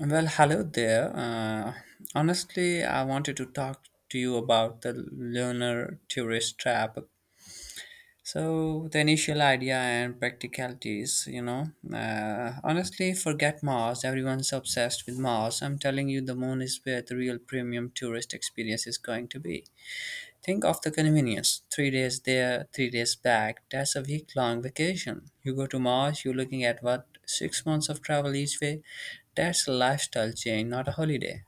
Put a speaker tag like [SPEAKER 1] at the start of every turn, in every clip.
[SPEAKER 1] Well, hello there. Honestly, I wanted to talk to you about the lunar tourist trap. So, the initial idea and practicalities, Honestly, forget Mars. Everyone's obsessed with Mars. I'm telling you, the moon is where the real premium tourist experience is going to be. Think of the convenience. 3 days there, 3 days back. That's a week long vacation. You go to Mars, you're looking at what? 6 months of travel each way? That's a lifestyle change, not a holiday.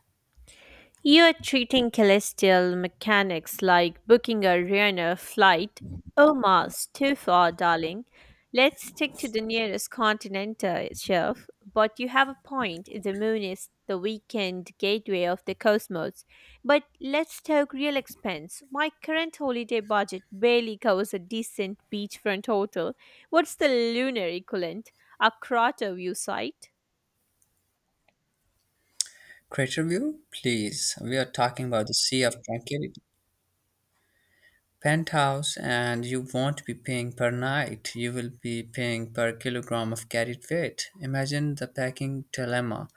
[SPEAKER 2] You are treating celestial mechanics like booking a Ryanair flight. Oh, Mars, too far, darling. Let's stick to the nearest continent, Chef. But you have a point. The moon is the weekend gateway of the cosmos. But let's talk real expense. My current holiday budget barely covers a decent beachfront hotel. What's the lunar equivalent? A crater view site?
[SPEAKER 1] Crater View? Please, we are talking about the Sea of Tranquility penthouse, and you won't be paying per night, you will be paying per kilogram of carried weight. Imagine the packing dilemma.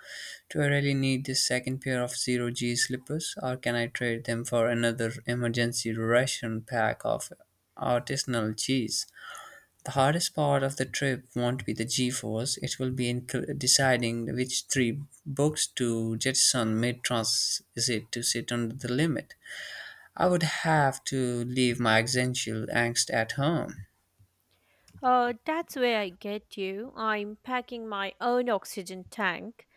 [SPEAKER 1] Do I really need this second pair of zero G slippers, or can I trade them for another emergency ration pack of artisanal cheese? The hardest part of the trip won't be the G force, it will be deciding which three books to jettison mid transit to sit under the limit. I would have to leave my existential angst at home.
[SPEAKER 2] That's where I get you. I'm packing my own oxygen tank.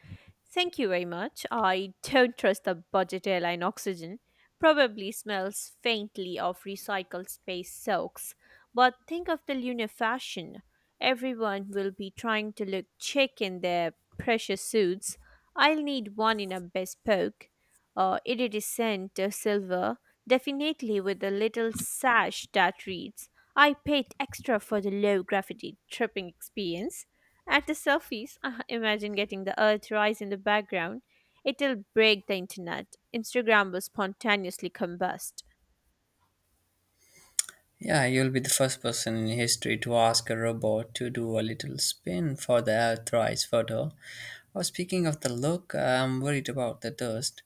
[SPEAKER 2] Thank you very much. I don't trust the budget airline oxygen. Probably smells faintly of recycled space soaks. But think of the lunar fashion. Everyone will be trying to look chic in their precious suits. I'll need one in a bespoke, iridescent silver, definitely with a little sash that reads, I paid extra for the low gravity tripping experience. At the surface, imagine getting the earth rise in the background. It'll break the internet. Instagram will spontaneously combust.
[SPEAKER 1] Yeah, you'll be the first person in history to ask a robot to do a little spin for the Earthrise photo. Or speaking of the look, I'm worried about the dust.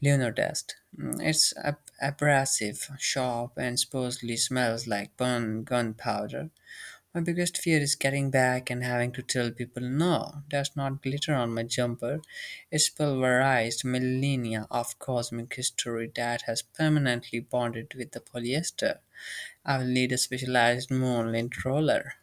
[SPEAKER 1] Lunar dust. It's abrasive, sharp, and supposedly smells like burn gunpowder. My biggest fear is getting back and having to tell people no, that's not glitter on my jumper. It's pulverized millennia of cosmic history that has permanently bonded with the polyester. I will need a specialized moonlit roller.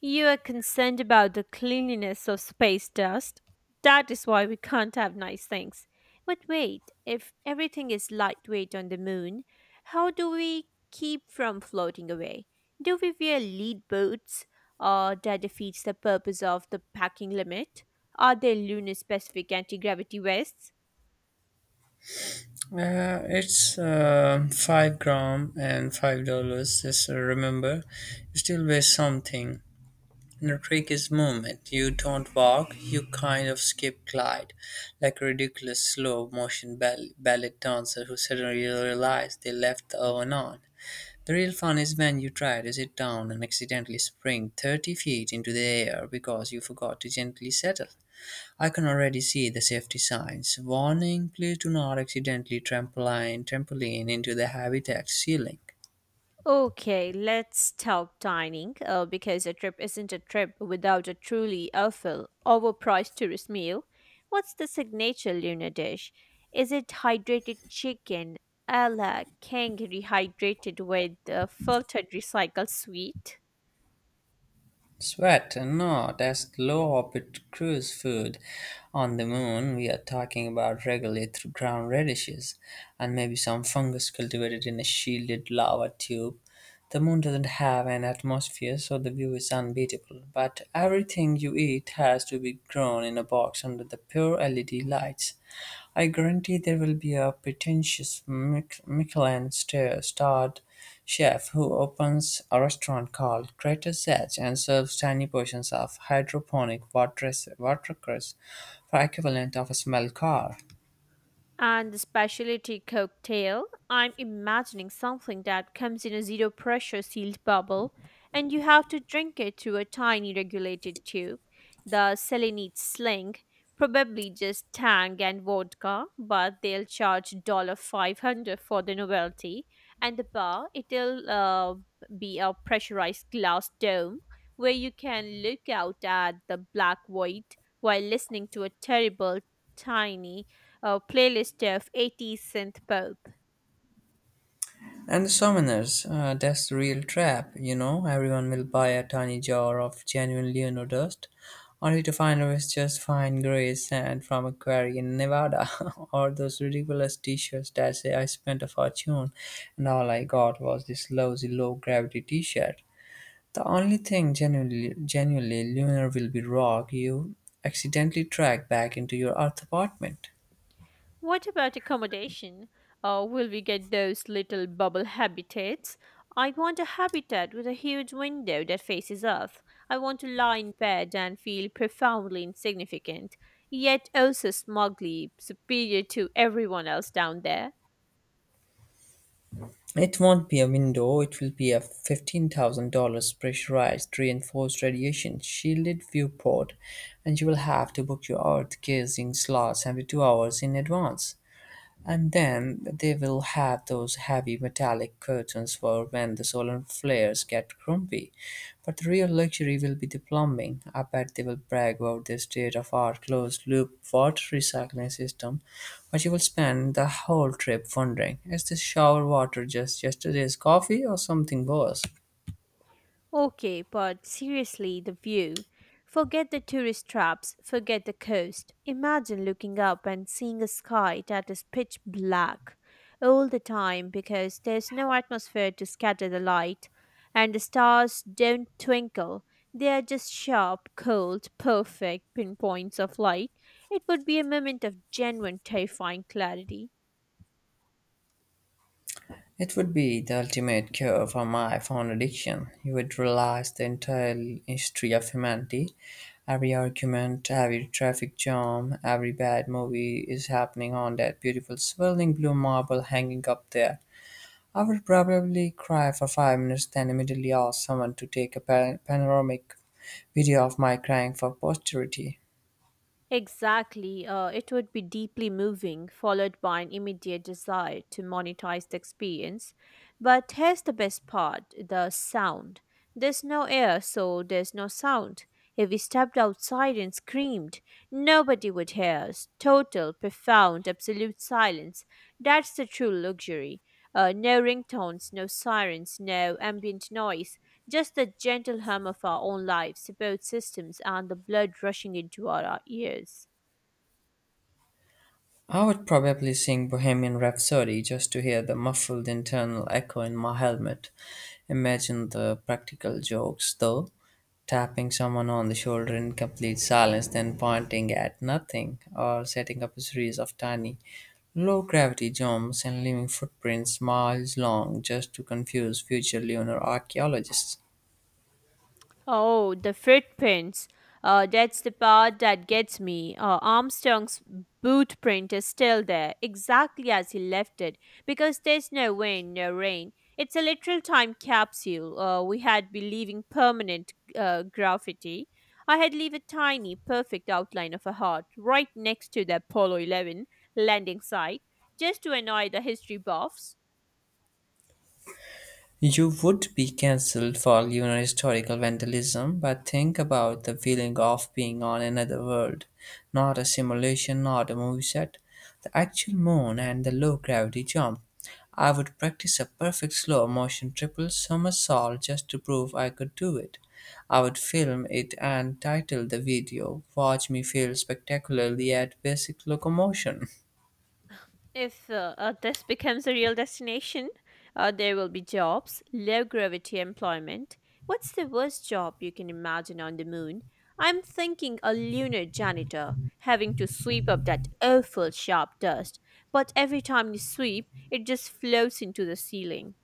[SPEAKER 2] You are concerned about the cleanliness of space dust. That is why we can't have nice things. But wait, if everything is lightweight on the moon, how do we keep from floating away? Do we wear lead boots? Or that defeats the purpose of the packing limit? Are there lunar specific anti gravity vests?
[SPEAKER 1] It's 5 gram and $5. Just remember, you still weigh something. The trick is movement. You don't walk, you kind of skip glide, like a ridiculous slow motion ballet dancer who suddenly realized they left the oven on. The real fun is when you try to sit down and accidentally spring 30 feet into the air because you forgot to gently settle. I can already see the safety signs. Warning, please do not accidentally trampoline into the habitat ceiling.
[SPEAKER 2] Okay, let's talk dining because a trip isn't a trip without a truly awful, overpriced tourist meal. What's the signature Luna dish? Is it hydrated chicken a la kangaroo hydrated with filtered recycled sweet?
[SPEAKER 1] Sweat? No, that's low orbit cruise food. On the moon, we are talking about regularly ground radishes and maybe some fungus cultivated in a shielded lava tube. The moon doesn't have an atmosphere, so the view is unbeatable. But everything you eat has to be grown in a box under the pure LED lights. I guarantee there will be a pretentious Michelin starred chef who opens a restaurant called Crater's Edge and serves tiny portions of hydroponic watercress for equivalent of a small car.
[SPEAKER 2] And the specialty cocktail, I'm imagining something that comes in a zero pressure sealed bubble, and you have to drink it through a tiny regulated tube. The Selenite sling, probably just tang and vodka, but they'll charge dollar 500 for the novelty. And the bar, it'll be a pressurized glass dome where you can look out at the black void while listening to a terrible, tiny a playlist of 80s synth pop.
[SPEAKER 1] And the summoners, that's the real trap, you know. Everyone will buy a tiny jar of genuine Leonor dust, only to find it was just fine gray sand from a quarry in Nevada, or those ridiculous t shirts that say I spent a fortune and all I got was this lousy low gravity t shirt. The only thing genuinely lunar will be rock you accidentally track back into your Earth apartment.
[SPEAKER 2] What about accommodation? Will we get those little bubble habitats? I want a habitat with a huge window that faces Earth. I want to lie in bed and feel profoundly insignificant, yet also smugly superior to everyone else down there.
[SPEAKER 1] It won't be a window, it will be a $15,000 pressurized reinforced radiation shielded viewport, and you will have to book your earth gazing slots every 2 hours in advance. And then they will have those heavy metallic curtains for when the solar flares get grumpy. But the real luxury will be the plumbing. I bet they will brag about their state of art closed loop water recycling system, but you will spend the whole trip wondering, is this shower water just yesterday's coffee or something worse?
[SPEAKER 2] Okay, but seriously, the view. Forget the tourist traps, forget the coast. Imagine looking up and seeing a sky that is pitch black all the time because there's no atmosphere to scatter the light, and the stars don't twinkle. They are just sharp, cold, perfect pinpoints of light. It would be a moment of genuine, terrifying clarity.
[SPEAKER 1] It would be the ultimate cure for my phone addiction. You would realize the entire history of humanity. Every argument, every traffic jam, every bad movie is happening on that beautiful swirling blue marble hanging up there. I would probably cry for 5 minutes, then immediately ask someone to take a panoramic video of my crying for posterity.
[SPEAKER 2] Exactly. It would be deeply moving, followed by an immediate desire to monetize the experience. But here's the best part the sound. There's no air, so there's no sound. If we stepped outside and screamed, nobody would hear us. Total, profound, absolute silence. That's the true luxury. No ringtones, no sirens, no ambient noise. Just the gentle hum of our own lives, support systems, and the blood rushing into our ears.
[SPEAKER 1] I would probably sing Bohemian Rhapsody just to hear the muffled internal echo in my helmet. Imagine the practical jokes, though. Tapping someone on the shoulder in complete silence, then pointing at nothing, or setting up a series of tiny, low gravity jumps and leaving footprints miles long just to confuse future lunar archaeologists.
[SPEAKER 2] Oh, the footprints. That's the part that gets me. Armstrong's boot print is still there, exactly as he left it, because there's no wind, no rain. It's a literal time capsule. We had been leaving permanent graffiti. I had leave a tiny, perfect outline of a heart right next to the Apollo 11 landing site, just to annoy the history buffs.
[SPEAKER 1] You would be cancelled for lunar historical vandalism, but think about the feeling of being on another world. Not a simulation, not a movie set. The actual moon and the low gravity jump. I would practice a perfect slow motion triple somersault just to prove I could do it. I would film it and title the video, Watch Me Fail Spectacularly at Basic Locomotion.
[SPEAKER 2] If this becomes a real destination, there will be jobs, low gravity employment. What's the worst job you can imagine on the moon? I'm thinking a lunar janitor having to sweep up that awful sharp dust, but every time you sweep, it just floats into the ceiling.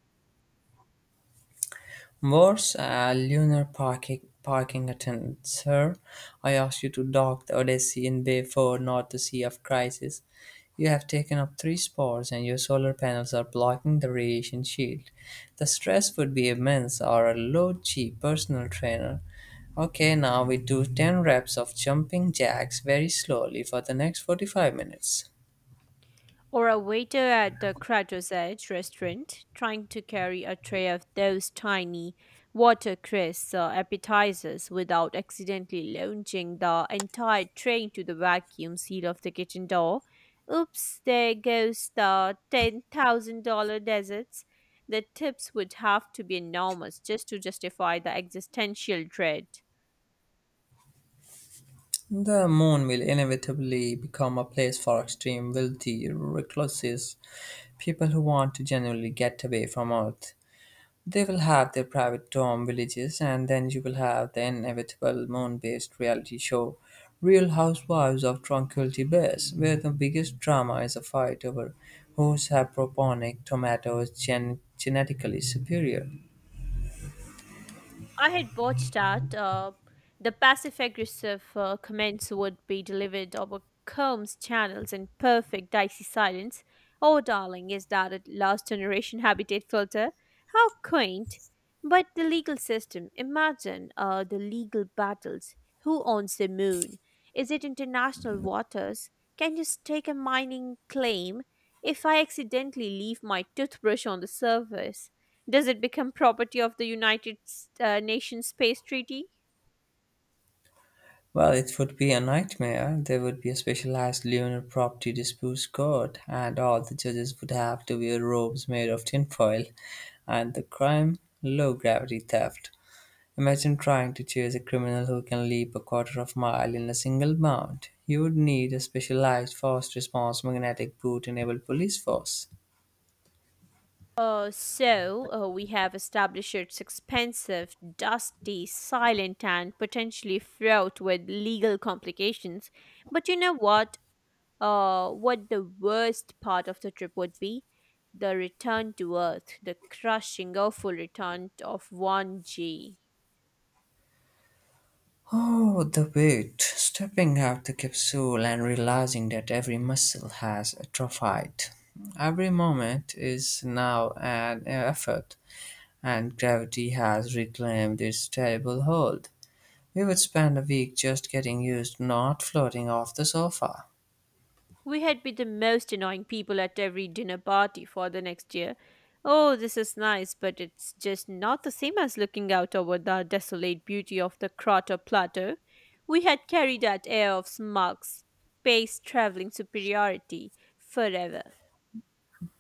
[SPEAKER 1] Worse, a lunar parking attendant. Sir, I asked you to dock the Odyssean Bayford, not the Sea of Crisis. You have taken up three spots, and your solar panels are blocking the radiation shield. The stress would be immense, or a low G personal trainer. Okay, now we do 10 reps of jumping jacks very slowly for the next 45 minutes.
[SPEAKER 2] Or a waiter at the Crater's Edge restaurant trying to carry a tray of those tiny watercress appetizers without accidentally launching the entire tray into the vacuum seal of the kitchen door. Oops, there goes the $10,000 deserts. The tips would have to be enormous just to justify the existential dread.
[SPEAKER 1] The moon will inevitably become a place for extreme wealthy recluses, people who want to genuinely get away from Earth. They will have their private dorm villages, and then you will have the inevitable moon based reality show, Real Housewives of Tranquility Base, where the biggest drama is a fight over whose hydroponic tomato is genetically superior.
[SPEAKER 2] I had watched that. The passive aggressive comments would be delivered over Combs channels in perfect dicey silence. Oh, darling, is that a last generation habitat filter? How quaint. But the legal system, imagine the legal battles. Who owns the moon? Is it international waters? Take a mining claim if I accidentally leave my toothbrush on the surface? Does it become property of the United Nations Space Treaty?
[SPEAKER 1] Well, it would be a nightmare. There would be a specialized lunar property disputes court, and all the judges would have to wear robes made of tinfoil. And the crime? Low gravity theft. Imagine trying to chase a criminal who can leap a quarter of mile in a single bound. You would need a specialized fast response magnetic boot enabled police force.
[SPEAKER 2] So, we have established it's expensive, dusty, silent, and potentially fraught with legal complications. But you know what? What the worst part of the trip would be? The return to Earth, the crushing, awful return of 1G.
[SPEAKER 1] Oh, the weight. Stepping out the capsule and realizing that every muscle has atrophied. Every moment is now an effort, and gravity has reclaimed its terrible hold. We would spend a week just getting used to not floating off the sofa.
[SPEAKER 2] We had been the most annoying people at every dinner party for the next year. Oh, this is nice, but it's just not the same as looking out over the desolate beauty of the Crater Plateau. We had carried that air of smug, space traveling superiority forever.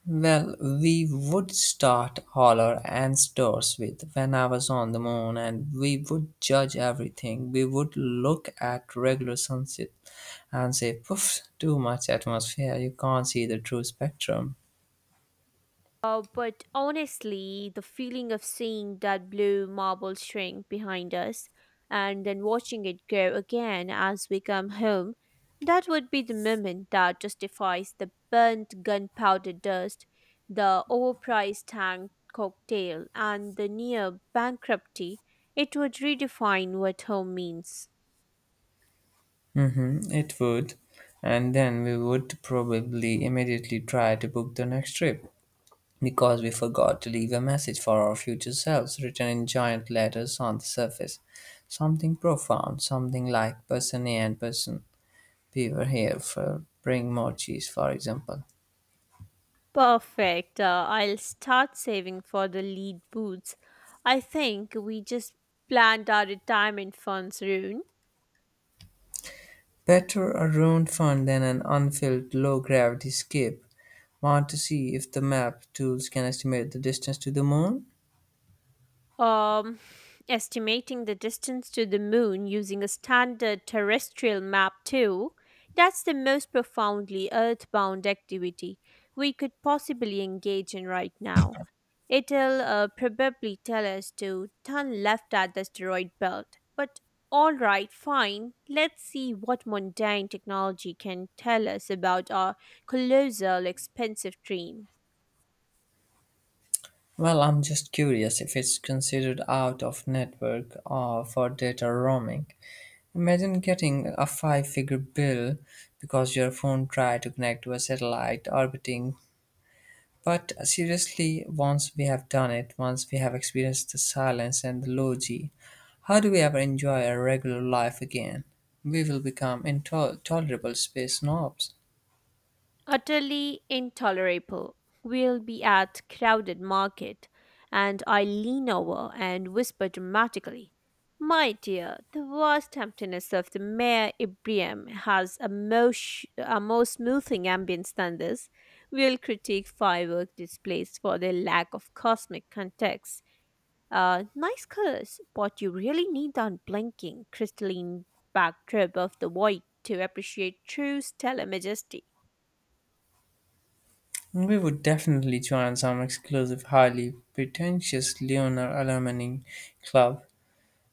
[SPEAKER 1] Well, we would start holler and stores with, when I was on the moon, and we would judge everything. We would look at regular sunset and say, poof, too much atmosphere, you can't see the true spectrum.
[SPEAKER 2] But honestly, the feeling of seeing that blue marble shrink behind us and then watching it grow again as we come home, that would be the moment that justifies the burnt gunpowder dust, the overpriced tank cocktail, and the near bankruptcy. It would redefine what home means.
[SPEAKER 1] Mm-hmm, it would. And then we would probably immediately try to book the next trip because we forgot to leave a message for our future selves written in giant letters on the surface. Something profound, something like person A and person, We were here for bring more cheese, for example.
[SPEAKER 2] Perfect. I'll start saving for the lead boots. I think we just planned our retirement funds, Rune.
[SPEAKER 1] Better a ruined fund than an unfilled low-gravity skip. Want to see if the map tools can estimate the distance to the moon?
[SPEAKER 2] um, Estimating the distance to the moon using a standard terrestrial map, too. That's the most profoundly earthbound activity we could possibly engage in right now. It'll probably tell us to turn left at the asteroid belt. But alright, fine, let's see what mundane technology can tell us about our colossal, expensive dream.
[SPEAKER 1] Well, I'm just curious if it's considered out of network or for data roaming. Imagine getting a five figure bill because your phone tried to connect to a satellite orbiting. But seriously, once we have done it, once we have experienced the silence and the low G, how do we ever enjoy our regular life again? We will become intolerable space snobs.
[SPEAKER 2] Utterly intolerable. We'll be at crowded market, and I lean over and whisper dramatically, "My dear, the vast emptiness of the Mare Ibrium has a more, smoothing ambience than this. We'll critique firework displays for their lack of cosmic context. Nice colors, but you really need the unblinking crystalline backdrop of the void to appreciate true stellar majesty."
[SPEAKER 1] We would definitely join some exclusive, highly pretentious lunar alumni club.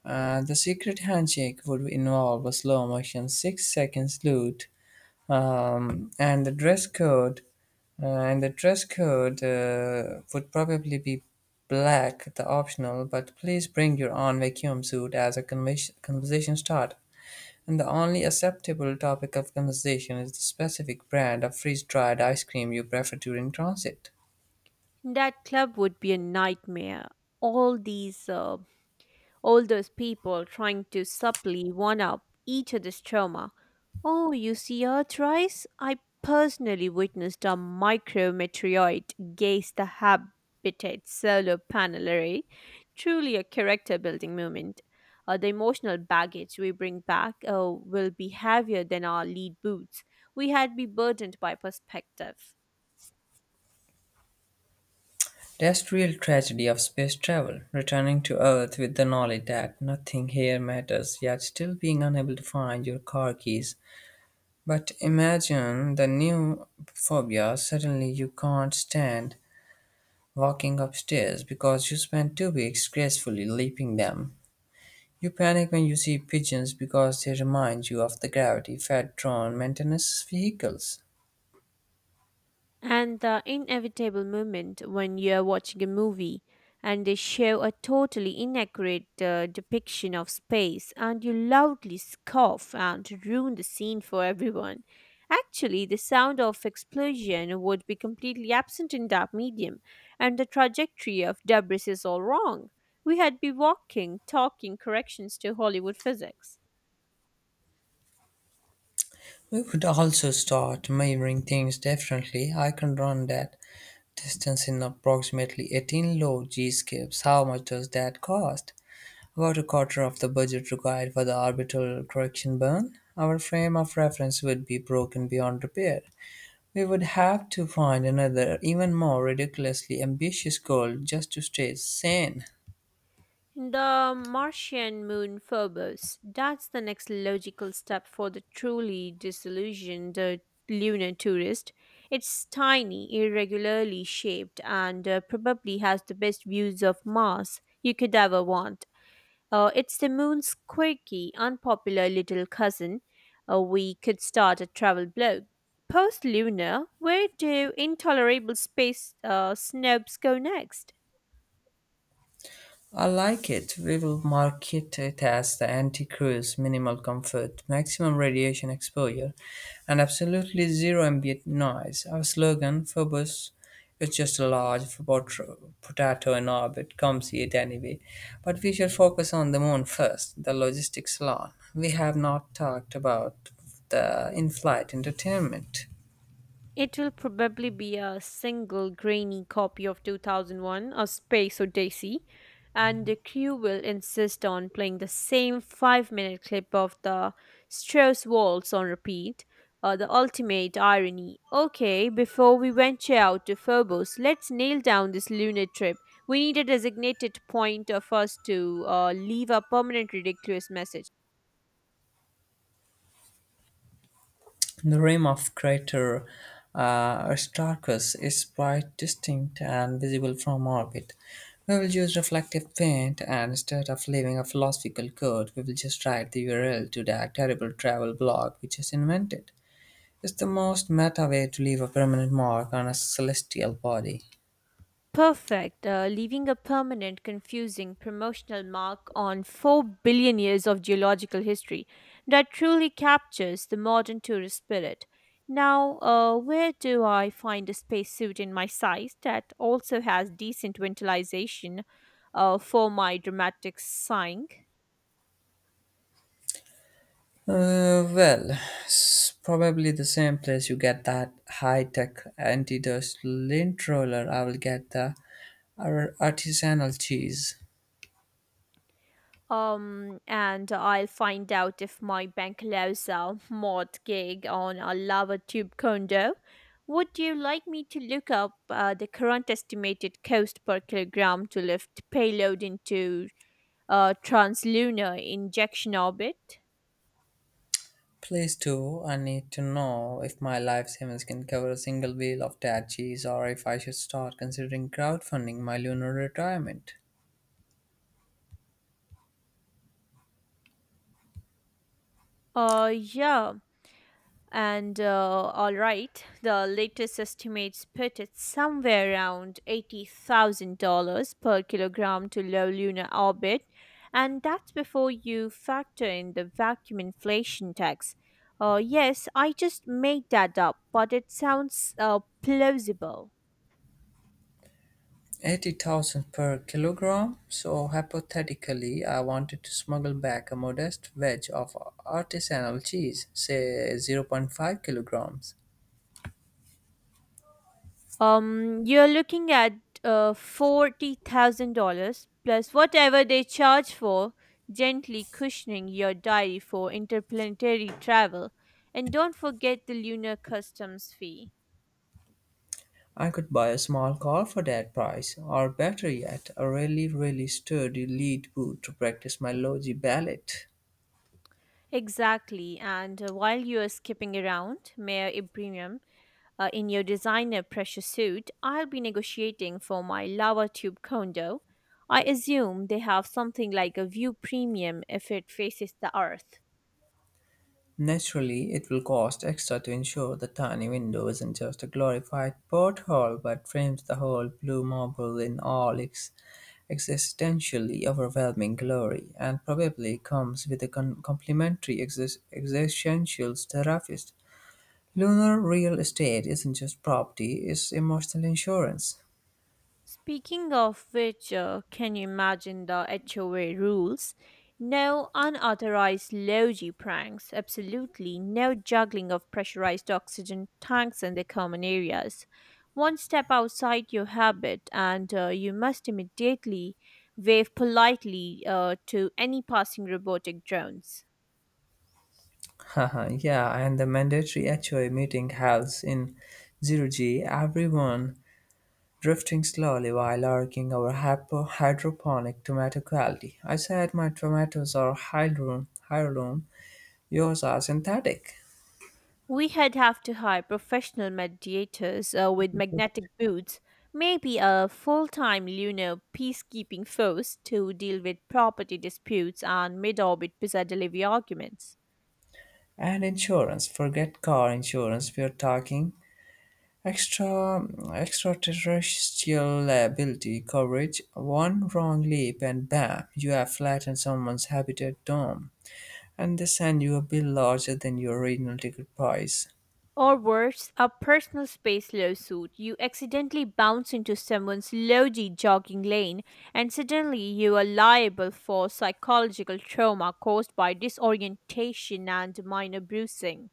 [SPEAKER 1] The secret handshake would involve a slow motion six-second salute um, and the dress code and the dress code would probably be black the optional, but please bring your own vacuum suit as a conversation start, and the only acceptable topic of conversation is the specific brand of freeze-dried ice cream you prefer during transit.
[SPEAKER 2] That club would be a nightmare. All these uh, all those people trying to subtly one up each other's trauma. Oh, you see Earth rise? I personally witnessed a micrometeorite gaze the habitat solar panel array. Truly a character building moment. The emotional baggage we bring back will be heavier than our lead boots. We had be burdened by perspective.
[SPEAKER 1] Terrestrial tragedy of space travel, returning to earth with the knowledge that nothing here matters, yet still being unable to find your car keys. But imagine the new phobia, suddenly you can't stand walking upstairs because you spent 2 weeks gracefully leaping them. You panic when you see pigeons because they remind you of the gravity fed drone maintenance vehicles.
[SPEAKER 2] And the inevitable moment when you're watching a movie and they show a totally inaccurate depiction of space and you loudly scoff and ruin the scene for everyone. Actually, the sound of explosion would be completely absent in that medium, and the trajectory of debris is all wrong. We had be walking, talking corrections to Hollywood physics.
[SPEAKER 1] We would also start measuring things differently. I can run that distance in approximately 18 low G skips. How much does that cost? About a quarter of the budget required for the orbital correction burn, our frame of reference would be broken beyond repair. We would have to find another, even more ridiculously ambitious goal just to stay sane.
[SPEAKER 2] The Martian moon Phobos. That's the next logical step for the truly disillusioned lunar tourist. It's tiny, irregularly shaped, and probably has the best views of Mars you could ever want. It's the moon's quirky, unpopular little cousin. We could start a travel blog. Post lunar, where do intolerable space snobs go next?
[SPEAKER 1] I like it. We will market it as the anti cruise, minimal comfort, maximum radiation exposure, and absolutely zero ambient noise. Our slogan, Phobos, is just a large potato in orbit. Come see it anyway. But we should focus on the moon first, the logistics alone. We have not talked about the in flight entertainment.
[SPEAKER 2] It will probably be a single grainy copy of 2001, A Space Odyssey, and the crew will insist on playing the same 5 minute clip of the Strauss waltz on repeat. The ultimate irony. Okay, before we venture out to Phobos, let's nail down this lunar trip. We need a designated point of us to leave a permanent ridiculous message.
[SPEAKER 1] The rim of crater Aristarchus is quite distinct and visible from orbit. We will use reflective paint and instead of leaving a philosophical code, we will just write the URL to that terrible travel blog we just invented. It's the most meta way to leave a permanent mark on a celestial body.
[SPEAKER 2] Perfect, leaving a permanent, confusing promotional mark on 4 billion years of geological history that truly captures the modern tourist spirit. Now, where do I find a spacesuit in my size that also has decent ventilation for my dramatic sighing?
[SPEAKER 1] Uh, well, Probably the same place you get that high-tech anti-dust lint roller. I will get the artisanal cheese.
[SPEAKER 2] And I'll find out if my bank allows a mod gig on a lava tube condo. Would you like me to look up the current estimated cost per kilogram to lift payload into translunar injection orbit?
[SPEAKER 1] Please do. I need to know if my life savings can cover a single wheel of that cheese or if I should start considering crowdfunding my lunar retirement.
[SPEAKER 2] Yeah. And all right, the latest estimates put it somewhere around $80,000 per kilogram to low lunar orbit, and that's before you factor in the vacuum inflation tax. Yes, I just made that up, but it sounds plausible.
[SPEAKER 1] 80,000 per kilogram. So hypothetically, I wanted to smuggle back a modest wedge of artisanal cheese, say zero point 0.5 kilograms.
[SPEAKER 2] You're looking at $40,000 plus whatever they charge for gently cushioning your diary for interplanetary travel, and don't forget the lunar customs fee.
[SPEAKER 1] I could buy a small car for that price, or better yet, a really, really sturdy lead boot to practice my logi ballet.
[SPEAKER 2] Exactly. And while you are skipping around mayor ibrahim in your designer pressure suit, I'll be negotiating for my lava tube condo. I assume they have something like a view premium if it faces the earth.
[SPEAKER 1] Naturally, it will cost extra to ensure the tiny window isn't just a glorified porthole but frames the whole blue marble in all its existentially overwhelming glory, and probably comes with a complimentary existential therapist. Lunar real estate isn't just property, it's emotional insurance.
[SPEAKER 2] Speaking of which, can you imagine the HOA rules? No unauthorized logy pranks, absolutely no juggling of pressurized oxygen tanks in the common areas. One step outside your habit, and you must immediately wave politely to any passing robotic drones.
[SPEAKER 1] Haha, yeah, and the mandatory HOA meeting house in zero G, everyone drifting slowly while arguing over hydroponic tomato quality. I said my tomatoes are heirloom, heirloom, yours are synthetic.
[SPEAKER 2] We had have to hire professional mediators with magnetic boots, maybe a full time lunar peacekeeping force to deal with property disputes and mid orbit pizza delivery arguments.
[SPEAKER 1] And insurance, forget car insurance, we're talking extra extraterrestrial liability coverage. One wrong leap and bam, you have flattened someone's habitat dome. And they send you a bill larger than your original ticket price.
[SPEAKER 2] Or worse, a personal space lawsuit. You accidentally bounce into someone's logy jogging lane, and suddenly you are liable for psychological trauma caused by disorientation and minor bruising.